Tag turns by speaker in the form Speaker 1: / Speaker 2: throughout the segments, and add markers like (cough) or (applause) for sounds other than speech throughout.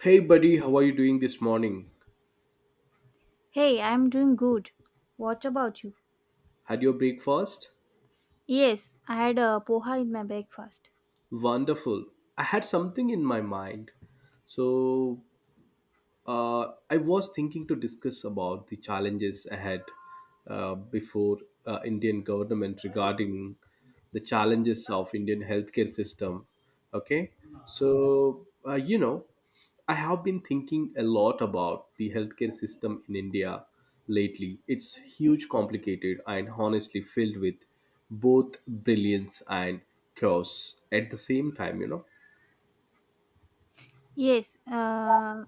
Speaker 1: Hey buddy, how are you doing this morning?
Speaker 2: Hey, I'm doing good. What about you?
Speaker 1: Had your breakfast?
Speaker 2: Yes, I had a poha in my breakfast.
Speaker 1: Wonderful. I had something in my mind. So, I was thinking to discuss about the challenges ahead before Indian government regarding the challenges of Indian healthcare system. Okay, so uh, you know, I have been thinking a lot about the healthcare system in India lately. It's huge, complicated, and honestly filled with both brilliance and chaos at the same time. You know.
Speaker 2: Yes, uh,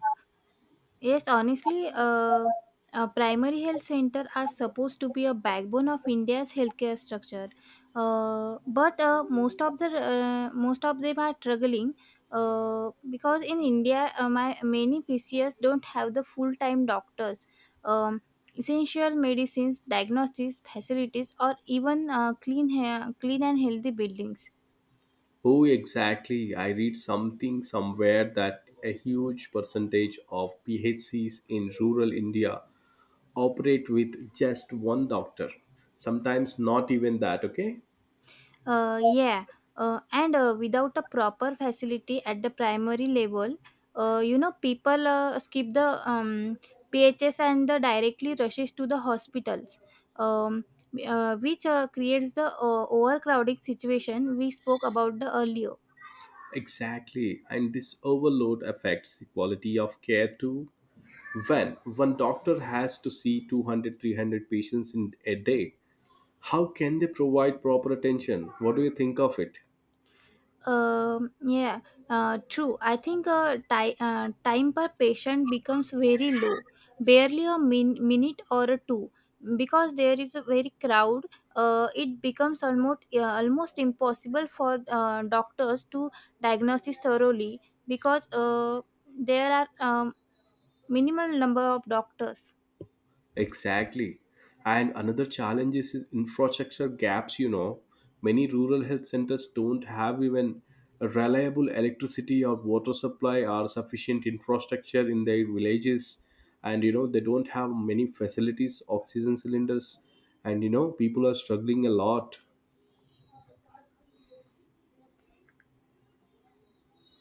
Speaker 2: Yes, honestly, primary health center are supposed to be a backbone of India's healthcare structure, but most of the most of them are struggling because in India, many PCS don't have the full time doctors, um, essential medicines, diagnostics facilities, or even clean and healthy buildings.
Speaker 1: Oh, exactly. I read something somewhere that a huge percentage of PHCs in rural India operate with just one doctor. Sometimes not even that, okay?
Speaker 2: Uh, yeah, and without a proper facility at the primary level, people skip the PHS and the directly rushes to the hospitals, um, which creates the overcrowding situation we spoke about the earlier.
Speaker 1: Exactly. And this overload affects the quality of care too. When one doctor has to see 200, 300 patients in a day, how can they provide proper attention? What do you think of it?
Speaker 2: Um, yeah, True. I think time per patient becomes very low, barely a minute or a two, because there is a very crowd. It becomes almost almost impossible for doctors to diagnose it thoroughly because there are minimal number of doctors.
Speaker 1: Exactly. And another challenge is infrastructure gaps, you know. Many rural health centers don't have even a reliable electricity or water supply or sufficient infrastructure in their villages. And, you know, they don't have many facilities, oxygen cylinders. And, you know, people are struggling a lot.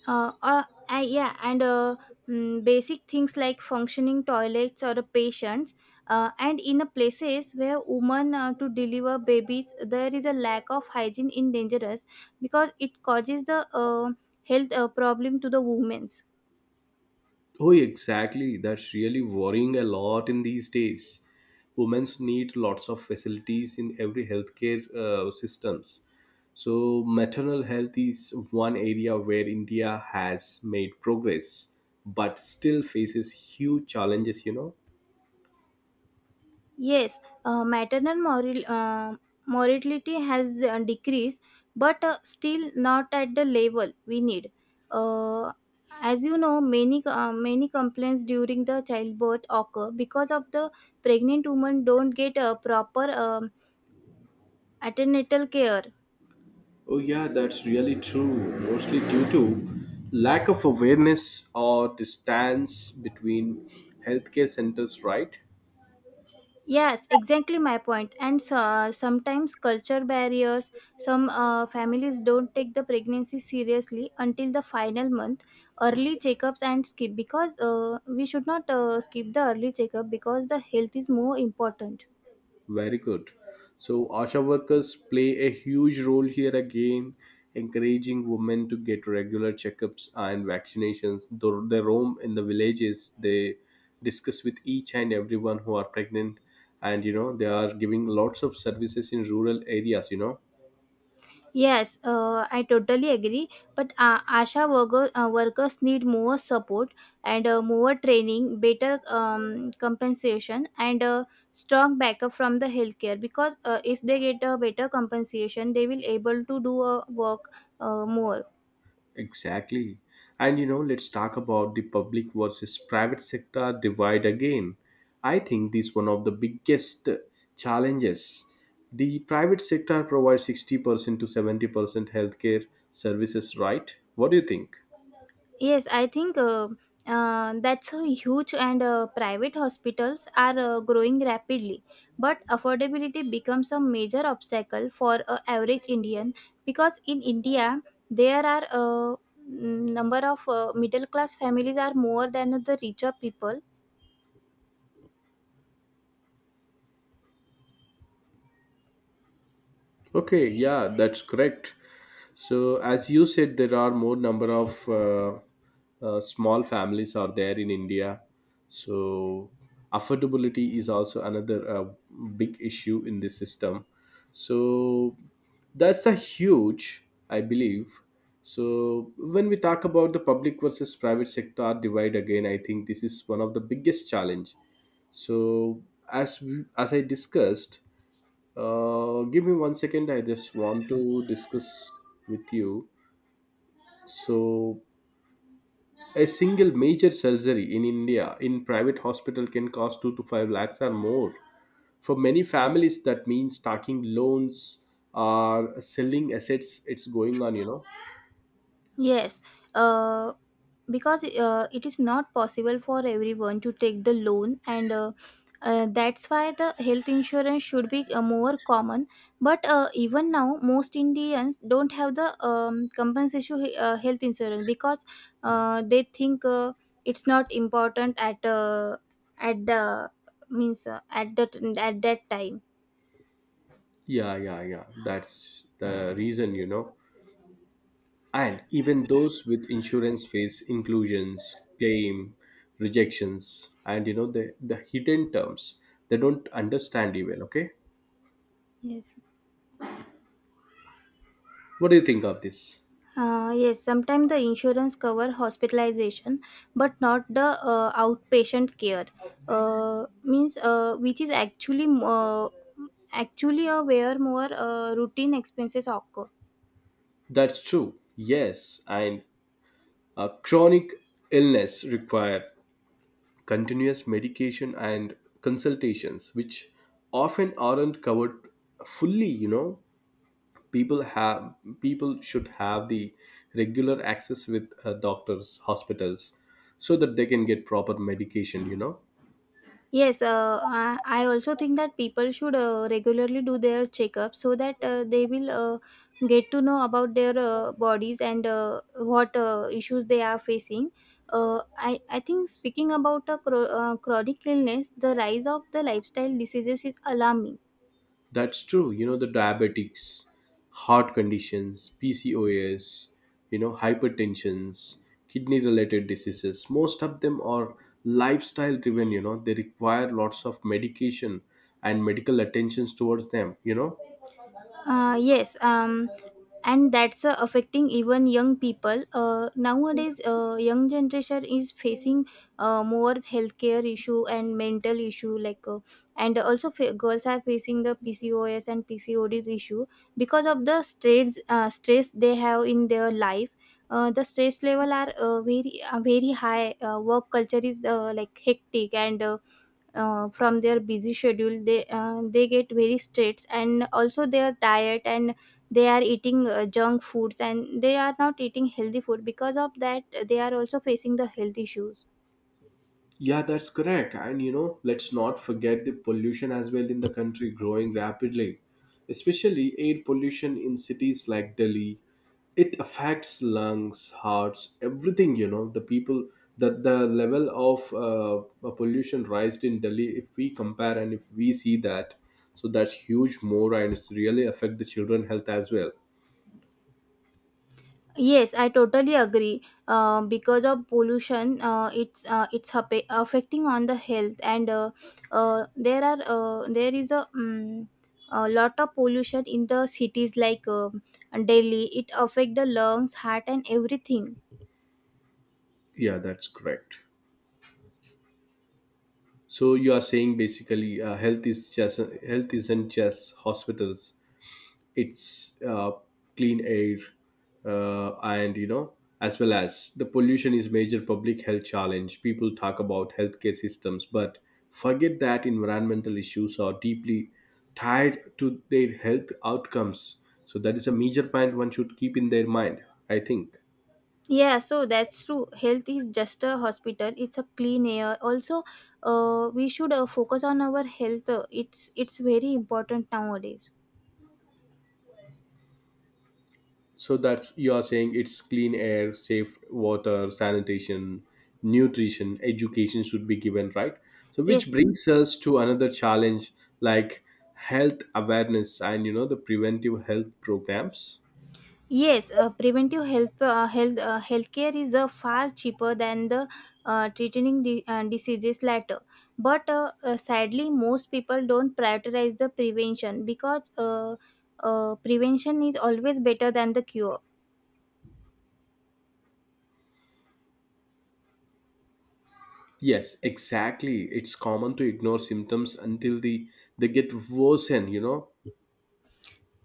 Speaker 2: uh, uh, uh, yeah and uh, Basic things like functioning toilets or the patients and in a places where women to deliver babies there is a lack of hygiene in dangerous because it causes the health problem to the women's.
Speaker 1: Oh, exactly. That's really worrying a lot in these days. Women's need lots of facilities in every healthcare systems. So maternal health is one area where India has made progress, but still faces huge challenges. You know.
Speaker 2: Yes, Maternal mortality has decreased, but still not at the level we need. Uh, as you know, many complaints during the childbirth occur because of the pregnant women don't get a proper antenatal care.
Speaker 1: Oh yeah, that's really true. Mostly due to lack of awareness or distance between healthcare centers, right?
Speaker 2: Yes, exactly my point. And so, sometimes culture barriers, some families don't take the pregnancy seriously until the final month, early checkups and skip because we should not skip the early checkup because the health is more important.
Speaker 1: Very good. So, ASHA workers play a huge role here again, encouraging women to get regular checkups and vaccinations. Though they roam in the villages, they discuss with each and everyone who are pregnant, and you know, they are giving lots of services in rural areas, you know.
Speaker 2: Yes, I totally agree. But workers need more support and more training, better compensation, and strong backup from the healthcare. Because if they get a better compensation, they will able to do a work more.
Speaker 1: Exactly. And you know, let's talk about the public versus private sector divide again. I think this is one of the biggest challenges. The private sector provides 60% to 70% healthcare services, right? What do you think?
Speaker 2: Yes, I think that's a huge and private hospitals are growing rapidly. But affordability becomes a major obstacle for a average Indian because in India there are a number of middle class families are more than the richer people.
Speaker 1: Okay, yeah, that's correct. So, as you said, there are more number of small families are there in India. So, affordability is also another big issue in this system. So, that's a huge, I believe. So, when we talk about the public versus private sector divide again, I think this is one of the biggest challenge. So, as I discussed. Give me one second. I just want to discuss with you. So, a single major surgery in India in private hospital can cost two to five lakhs or more. For many families, that means taking loans or selling assets. It's going on, you know.
Speaker 2: Yes, uh, because it is not possible for everyone to take the loan, and that's why the health insurance should be more common. But even now, most Indians don't have the health insurance because they think it's not important at the means at that time.
Speaker 1: Yeah, yeah, yeah. That's the reason, you know. And even those with insurance face inclusions, claim, rejections, and you know the hidden terms. They don't understand you well, okay?
Speaker 2: Yes.
Speaker 1: What do you think of this?
Speaker 2: Yes, sometimes the insurance cover hospitalization, but not the outpatient care. Means Which is actually actually a where more routine expenses occur.
Speaker 1: That's true. Yes, and a chronic illness require continuous medication and consultations, which often aren't covered fully. People have people should have the regular access with doctors hospitals so that they can get proper medication you know
Speaker 2: Yes, I also think that people should regularly do their checkup so that they will get to know about their bodies and what issues they are facing. I think speaking about a chronic illness, the rise of the lifestyle diseases is alarming.
Speaker 1: that's true you know the diabetics heart conditions pcos you know hypertensions kidney related diseases most of them are lifestyle driven you know they require lots of medication and medical attentions towards them you know.
Speaker 2: Uh, yes, um, and that's affecting even young people nowadays. Young generation is facing more healthcare issue and mental issue and also girls are facing the PCOS and PCODs issue because of the stress they have in their life. The stress level are very high. Work culture is like hectic and from their busy schedule they get very stressed, and also they are tired and they are eating junk foods and they are not eating healthy food because of that they are also facing the health issues.
Speaker 1: Yeah, that's correct. And you know, let's not forget the pollution as well in the country growing rapidly, especially air pollution in cities like Delhi. It affects lungs, hearts, everything. You know, the people that the level of pollution raised in Delhi, if we compare and if we see that, so that's huge more and it's really affect the children health as well.
Speaker 2: Yes, I totally agree. Because of pollution affecting on the health and there is a lot of pollution in the cities like Delhi. It affect the lungs, heart, and everything.
Speaker 1: Yeah, that's correct. So you are saying basically health isn't just hospitals. Its clean air, and you know, as well as the pollution is major public health challenge. People talk about healthcare systems, but forget that environmental issues are deeply tied to their health outcomes. So that is a major point one should keep in their mind. I think.
Speaker 2: Yeah, so that's true. Health is just a hospital. It's a clean air. Also, we should focus on our health. It's very important nowadays.
Speaker 1: So that's you are saying it's clean air, safe water, sanitation, nutrition, education should be given, right? So which
Speaker 2: Yes,
Speaker 1: brings us to another challenge like health awareness and you know the preventive health programs.
Speaker 2: yes. Preventive healthcare is far cheaper than the treating the diseases later. But sadly, most people don't prioritize the prevention because prevention is always better than the cure.
Speaker 1: Yes, exactly. It's common to ignore symptoms until the they get worsen, you know.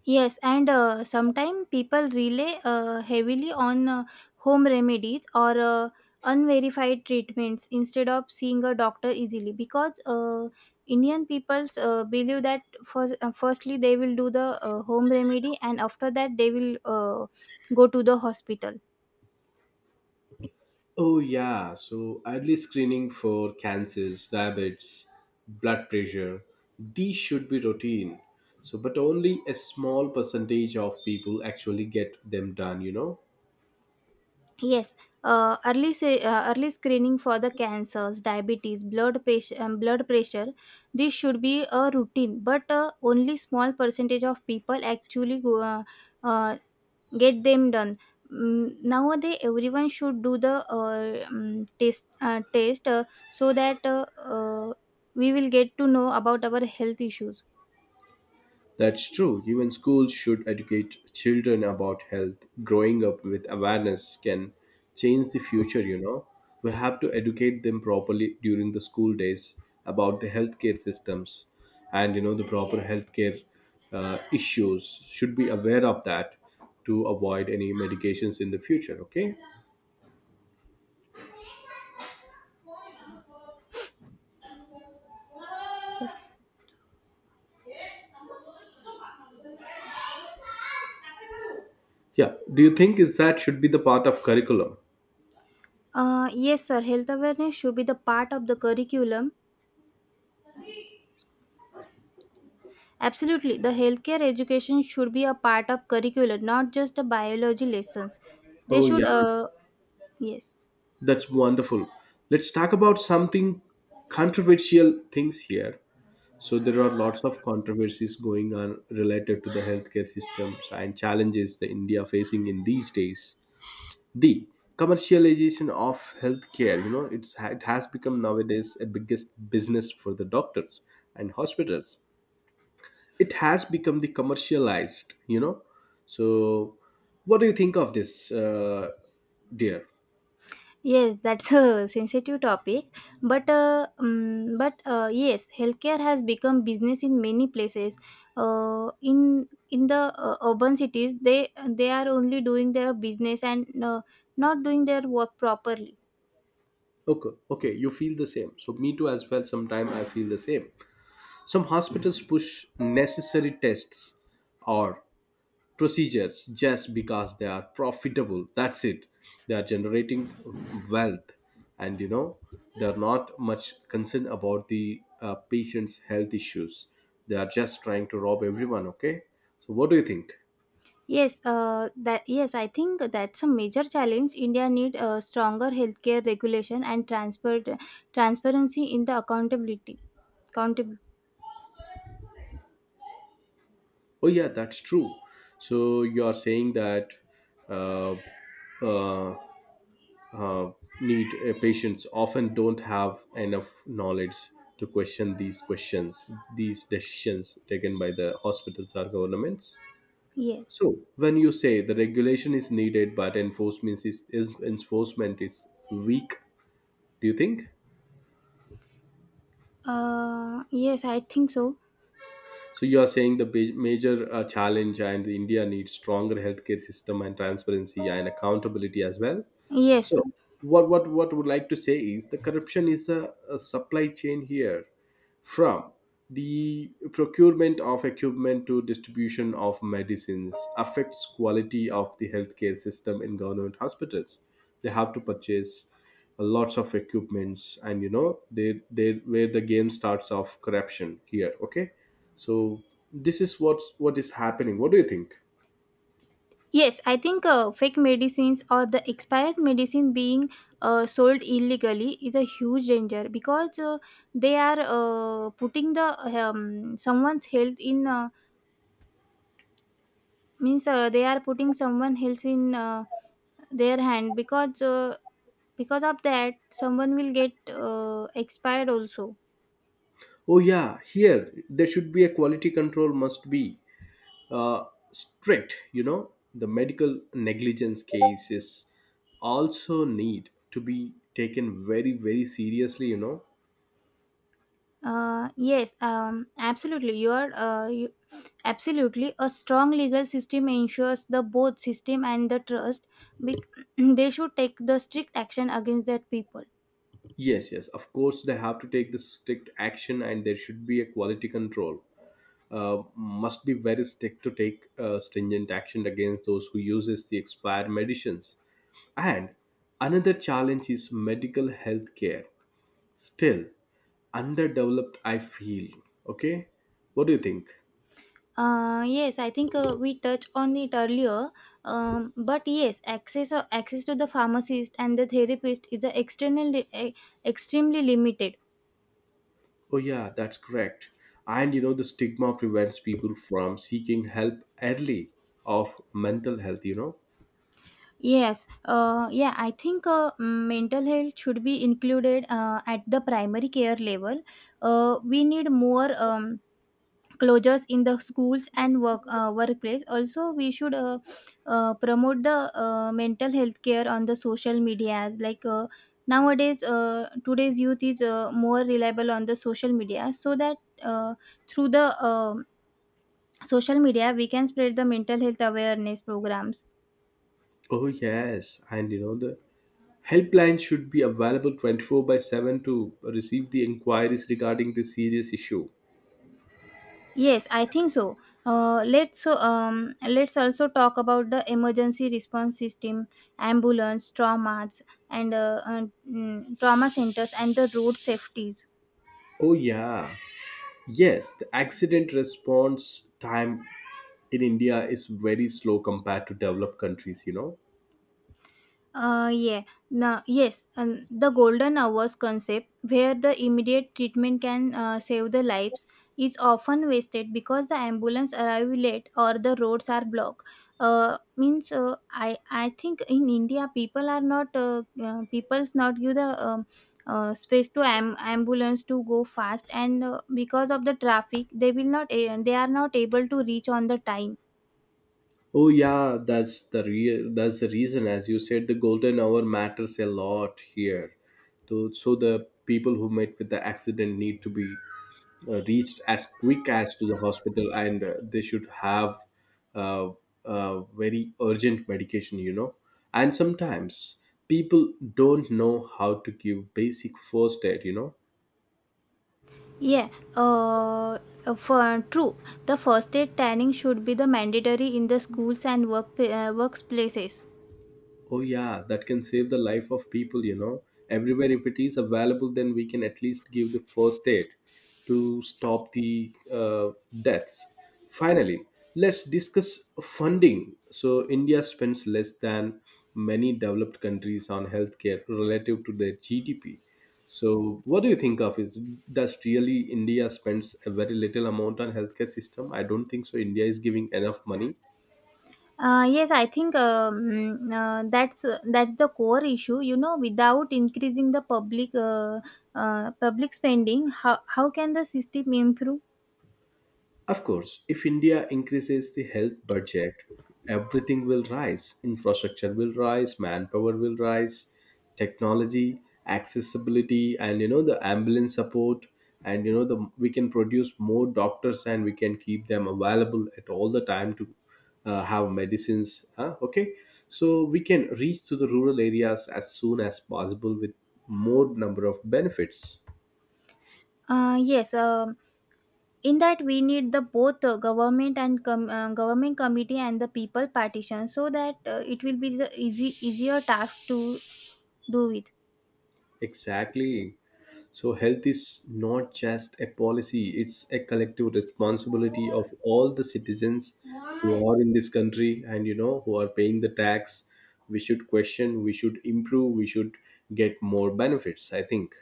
Speaker 2: Yes, and sometimes people rely heavily on home remedies or unverified treatments instead of seeing a doctor easily because Indian peoples believe that first, firstly they will do the home remedy and after that they will go to the hospital.
Speaker 1: Oh, yeah. So, early screening for cancers, diabetes, blood pressure, these should be routine. So, but only a small percentage of people actually get them done, you know?
Speaker 2: Yes, early screening for the cancers, diabetes, blood patient, blood pressure. This should be a routine, but only small percentage of people actually uh, get them done. Nowadays, everyone should do the test so that we will get to know about our health issues.
Speaker 1: That's true. Even schools should educate children about health. Growing up with awareness can change the future, you know. We have to educate them properly during the school days about the healthcare systems and, you know, the proper healthcare issues. Should be aware of that to avoid any medications in the future, okay?
Speaker 2: Yes.
Speaker 1: Yeah. Do you think is that should be the part of curriculum?
Speaker 2: Yes, sir. Health awareness should be the part of the curriculum. Absolutely. The healthcare education should be a part of curriculum, not just the biology lessons. They
Speaker 1: Oh yeah,
Speaker 2: should, yes.
Speaker 1: that's wonderful. Let's talk about something controversial things here. So there are lots of controversies going on related to the healthcare systems and challenges that India facing in these days. The commercialization of healthcare, you know, it has become nowadays a biggest business for the doctors and hospitals. It has become the commercialized, you know. So, what do you think of this, dear?
Speaker 2: Yes, that's a sensitive topic, but yes, healthcare has become business in many places. In the urban cities, they are only doing their business and not doing their work properly.
Speaker 1: Okay, okay, you feel the same. So me too as well. Sometime I feel the same. Some hospitals push necessary tests or procedures just because they are profitable. That's it. They are generating wealth, and you know they're not much concerned about the patient's health issues. They are just trying to rob everyone. Okay, so what do you think?
Speaker 2: Yes, I think that's a major challenge. India need stronger healthcare regulation and transfer transparency in the accountability. Accountable.
Speaker 1: Oh yeah, that's true. So you are saying that uh, uh, uh, need patients often don't have enough knowledge to question these questions these decisions taken by the hospitals or governments.
Speaker 2: Yes.
Speaker 1: So when you say the regulation is needed but is enforcement is weak, do you think?
Speaker 2: Yes, I think so.
Speaker 1: So you are saying the big- major challenge and the india needs stronger healthcare system and transparency and accountability as well.
Speaker 2: Yes,
Speaker 1: So what what would like to say is the corruption is a supply chain here from the procurement of equipment to distribution of medicines affects quality of the healthcare system in government hospitals. They have to purchase lots of equipments and you know they where the game starts of corruption here. Okay, so this is what is happening, what do you think?
Speaker 2: yes, I think fake medicines or the expired medicine being sold illegally is a huge danger because they are putting the someone's health in means they are putting someone health in. Their hand because of that someone will get expired also.
Speaker 1: Oh yeah, here there should be a quality control must be uh, strict. You know the medical negligence cases also need to be taken very very seriously, you know.
Speaker 2: Yes Absolutely absolutely, a strong legal system ensures the both system and the trust. bec- (clears throat) they should take the strict action against that people.
Speaker 1: Yes, yes, of course they have to take the strict action and there should be a quality control must be very strict to take stringent action against those who uses the expired medicines. And another challenge is medical health care still underdeveloped, I feel, okay, what do you think?
Speaker 2: Yes, I think we touched on it earlier. But yes, access to the pharmacist and the therapist is a extremely limited.
Speaker 1: Oh, yeah, that's correct. And you know, the stigma prevents people from seeking help early of mental health, you know.
Speaker 2: Yes, I think mental health should be included at the primary care level. We need more closures in the schools and workplace. Also, we should promote the mental health care on the social medias. Nowadays, today's youth is more reliable on the social media, so that uh, through the social media we can spread the mental health awareness programs.
Speaker 1: Oh, yes. And you know, the helpline should be available 24 by 7 to receive the inquiries regarding this serious issue.
Speaker 2: Yes, I think so. Let's also talk about the emergency response system, ambulance, traumas, and trauma centers, and the road safeties.
Speaker 1: Oh, yeah. Yes, the accident response time in India is very slow compared to developed countries, you know.
Speaker 2: Yeah, no, Yes, and the golden hours concept, where the immediate treatment can save the lives, is often wasted because the ambulance arrive late or the roads are blocked. Means I think in India people are not people's not give the space to ambulance to go fast and because of the traffic they will not they are not able to reach on the time.
Speaker 1: Oh yeah, that's the reason. As you said, the golden hour matters a lot here. So, so the people who met with the accident need to be reached as quick as to the hospital, and they should have uh, very urgent medication. You know, and sometimes people don't know how to give basic first aid. You know,
Speaker 2: Yeah, uh, for true. The first aid training should be the mandatory in the schools and workplaces.
Speaker 1: oh yeah, that can save the life of people, you know. Everywhere if it is available, then we can at least give the first aid to stop the deaths. Finally, let's discuss funding. So India spends less than many developed countries on healthcare relative to their GDP. So what do you think of is does really India spends a very little amount on healthcare system? I don't think so. India is giving enough money.
Speaker 2: Yes, I think that's the core issue. You know, without increasing the public public spending, how can the system improve?
Speaker 1: Of course, if India increases the health budget, everything will rise. Infrastructure will rise, manpower will rise, technology, accessibility, and you know the ambulance support. And you know the we can produce more doctors, and we can keep them available at all the time to have medicines. Huh? Okay, so we can reach to the rural areas as soon as possible with more number of benefits.
Speaker 2: Uh, yes, um in that we need the both government committee and the people partition so that it will be the easy easier task to do it.
Speaker 1: Exactly. So, health is not just a policy, it's a collective responsibility of all the citizens who are in this country and you know who are paying the tax. We should question, we should improve, we should get more benefits, I think.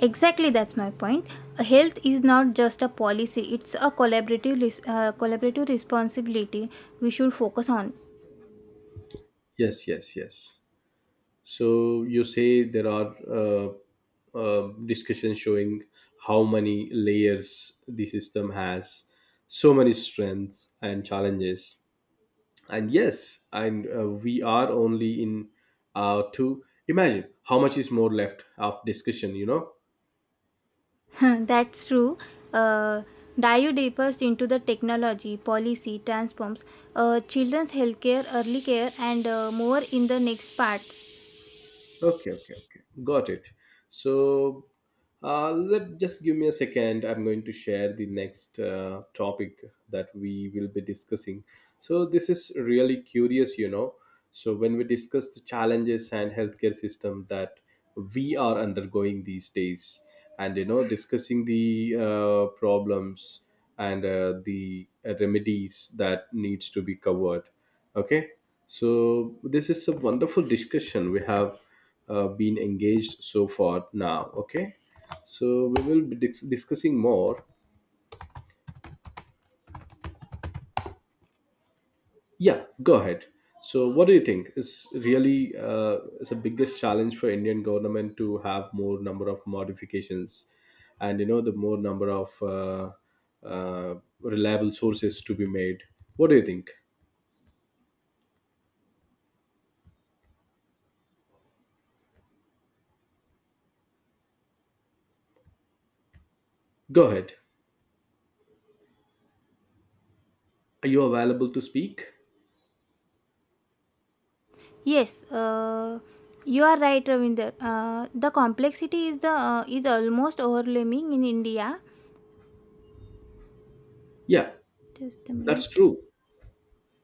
Speaker 2: Exactly, that's my point. Health is not just a policy; it's a collaborative collaborative responsibility we should focus on.
Speaker 1: Yes, yes, yes. So, you say there are discussions showing how many layers the system has, so many strengths and challenges. And yes and We are only in to imagine how much is more left of discussion.
Speaker 2: (laughs) That's true. Uh, Dive deepers into the technology, policy, transforms, children's healthcare, early care, and more in the next part.
Speaker 1: Okay, okay, okay. Got it. So, let just give me a second. I'm going to share the next topic that we will be discussing. So, this is really curious, you know. So, when we discuss the challenges and healthcare system that we are undergoing these days, and you know, discussing the problems and the remedies that needs to be covered. Okay, so this is a wonderful discussion we have been engaged so far now. Okay, so we will be discussing more. Yeah, go ahead. So what do you think is really is the biggest challenge for Indian government to have more number of modifications, and you know, the more number of uh, reliable sources to be made? What do you think? Go ahead. Are you available to speak?
Speaker 2: Yes, you are right, Ravinder. The complexity is the is almost overwhelming in India.
Speaker 1: Yeah,
Speaker 2: Just a
Speaker 1: that's
Speaker 2: minute.
Speaker 1: true.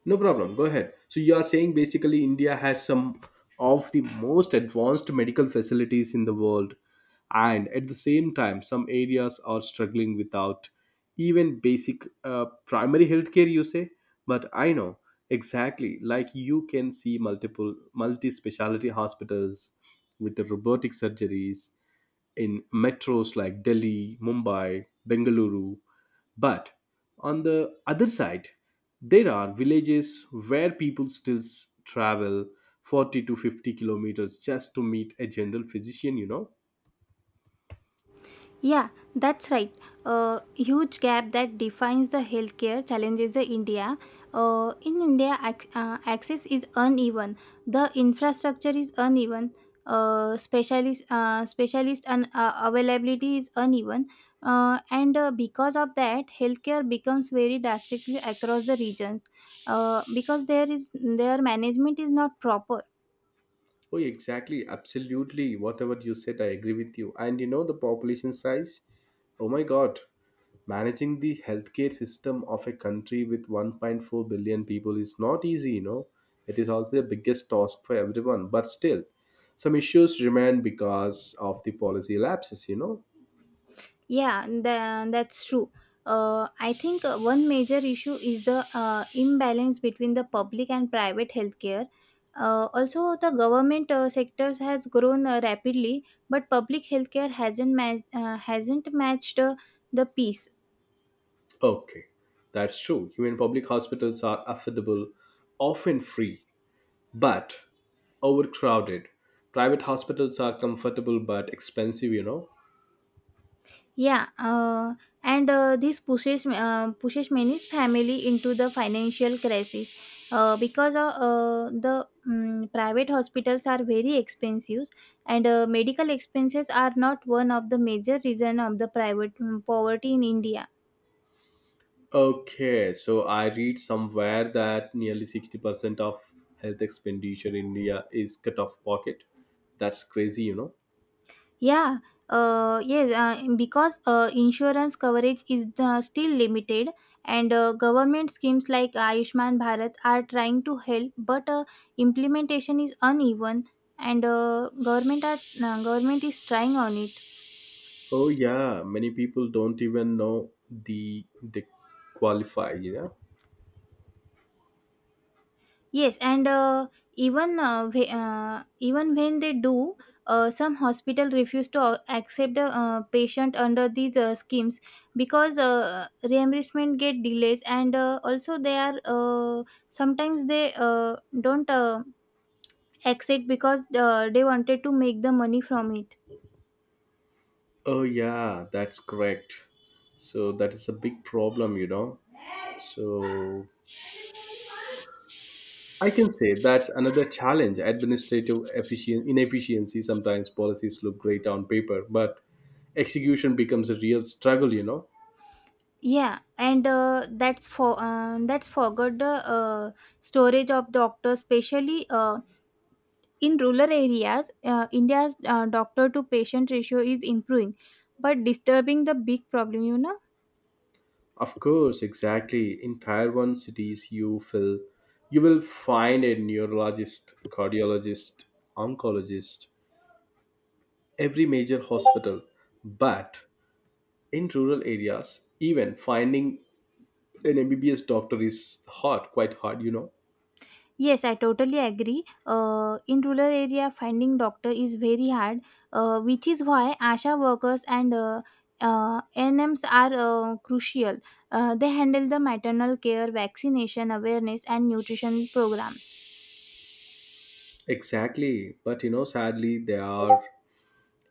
Speaker 1: No problem. Go ahead. So you are saying basically India has some of the most advanced medical facilities in the world, and at the same time, some areas are struggling without even basic primary healthcare. You say, but I know exactly. Like you can see multiple multi-speciality hospitals with the robotic surgeries in metros like Delhi, Mumbai, Bengaluru. But on the other side, there are villages where people still travel 40 to 50 kilometers just to meet a general physician, you know.
Speaker 2: Yeah, that's right. A huge gap that defines the healthcare challenges in India. In India, access is uneven. The infrastructure is uneven. Specialist and availability is uneven. And Because of that, healthcare becomes very drastically across the regions. Because there is their management is not proper.
Speaker 1: Oh, exactly. Absolutely. Whatever you said, I agree with you. And you know, the population size? Oh my God. Managing the healthcare system of a country with 1.4 billion people is not easy, you know. It is also the biggest task for everyone. But still, some issues remain because of the policy lapses, you know.
Speaker 2: That's true. I think one major issue is the imbalance between the public and private healthcare. Also, the government sectors has grown rapidly, but public healthcare hasn't matched the pace.
Speaker 1: Okay, that's true. Even public hospitals are affordable, often free, but overcrowded. Private hospitals are comfortable but expensive, you know.
Speaker 2: Yeah, and This pushes many family into the financial crisis because the private hospitals are very expensive, and medical expenses are not one of the major reason of the private poverty in India.
Speaker 1: Okay, so I read somewhere that nearly 60% of health expenditure in India is cut off pocket. That's crazy, you know.
Speaker 2: Yeah, yes, because insurance coverage is the, still limited, and government schemes like Ayushman Bharat are trying to help, but implementation is uneven, and government is trying on it.
Speaker 1: Oh yeah, many people don't even know the they qualify, you know.
Speaker 2: Yes, and even when they do, some hospital refuse to accept a patient under these schemes because reimbursement get delays, and also they are sometimes they don't accept because they wanted to make the money from it.
Speaker 1: Oh yeah, that's correct. So that is a big problem, you know. So I can say that's another challenge. Administrative efficient inefficiency. Sometimes policies look great on paper, but execution becomes a real struggle, you know.
Speaker 2: Yeah, and that's for That's forgot the uh, storage of doctors, especially in rural areas. India's doctor to patient ratio is improving, but disturbing the big problem, you know.
Speaker 1: Of course, exactly. In Tier 1 cities, you will find a neurologist, cardiologist, oncologist, every major hospital. But in rural areas, even finding an MBBS doctor is hard, quite hard, you know.
Speaker 2: Yes, I totally agree. In rural area, finding doctor is very hard, which is why ASHA workers and NMs are crucial. They handle the maternal care, vaccination awareness, and nutrition program.
Speaker 1: Exactly. But you know, sadly, they are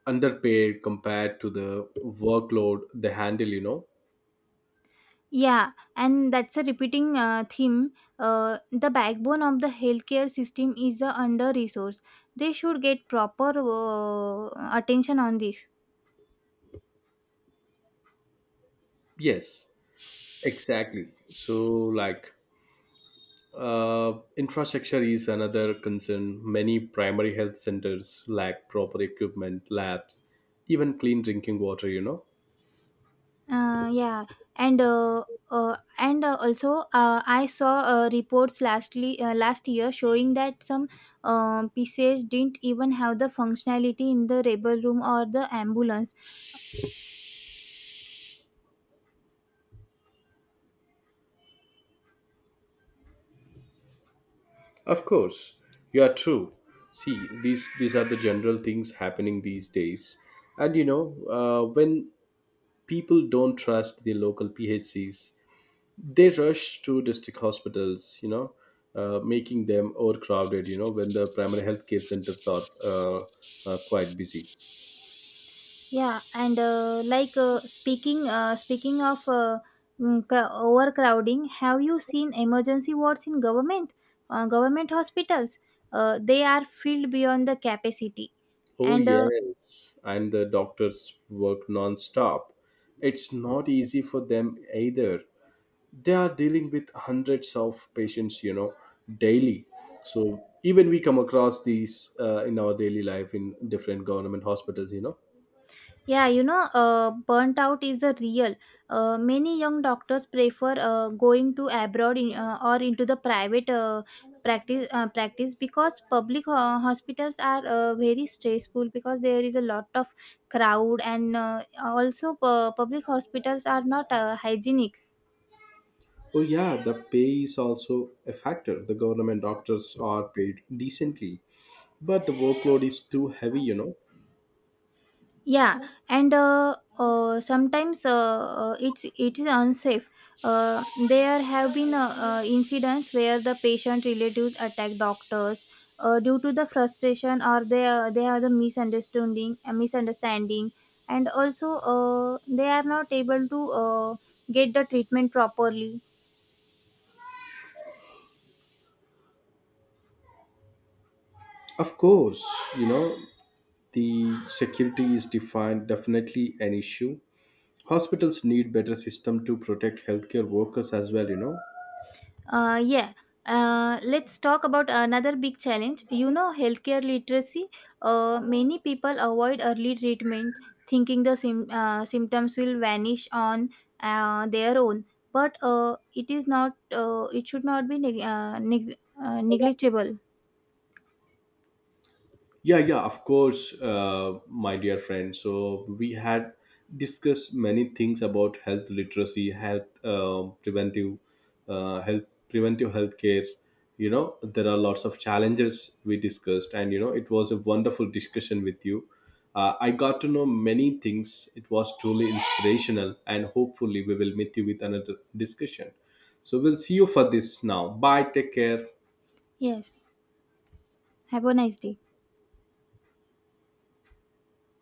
Speaker 1: underpaid compared to the workload they handle, you know.
Speaker 2: Yeah, and that's a repeating theme. The backbone of the healthcare system is under resourced. They should get proper attention on this.
Speaker 1: Yes, exactly. So, like, infrastructure is another concern. Many primary health centers lack proper equipment, labs, even clean drinking water, you know.
Speaker 2: Yeah, and uh, and Also I saw reports lastly last year showing that some PCH didn't even have the functionality in the rebel room or the ambulance.
Speaker 1: Of course, you are true. See, these are the general things happening these days. And you know, when people don't trust the local PHCs, they rush to district hospitals, you know, making them overcrowded, you know, when the primary healthcare centers are quite busy.
Speaker 2: Yeah and like speaking Speaking of overcrowding, have you seen emergency wards in government hospitals? They are filled beyond the capacity
Speaker 1: Oh,
Speaker 2: and
Speaker 1: yes. And the doctors work non-stop. It's not easy for them either. They are dealing with hundreds of patients, you know, daily. So even we come across these in our daily life in different government hospitals, you know.
Speaker 2: Burnt out is a real. Many young doctors prefer going to abroad in, or into the private practice because public hospitals are very stressful because there is a lot of crowd and also public hospitals are not hygienic.
Speaker 1: Oh, yeah, the pay is also a factor. The government doctors are paid decently, but the workload is too heavy, you know.
Speaker 2: Yeah and sometimes it's it is unsafe. There have been incidents where the patient relatives attack doctors due to the frustration or they are the misunderstanding, and also they are not able to get the treatment properly.
Speaker 1: Of course, you know, the security is defined definitely an issue. Hospitals need better system to protect healthcare workers as well, you know.
Speaker 2: Uh, yeah. Let's talk about another big challenge. You know, healthcare literacy. Many people avoid early treatment, thinking the symptoms will vanish on their own. But it is not. It should not be negligible.
Speaker 1: Yeah, yeah, of course, my dear friend. So we had discussed many things about health literacy, health preventive, health preventive healthcare. You know, there are lots of challenges we discussed, and you know, it was a wonderful discussion with you. I got to know many things. It was truly inspirational, and hopefully, we will meet you with another discussion. So we'll see you for this now. Bye. Take care.
Speaker 2: Yes. Have a nice day.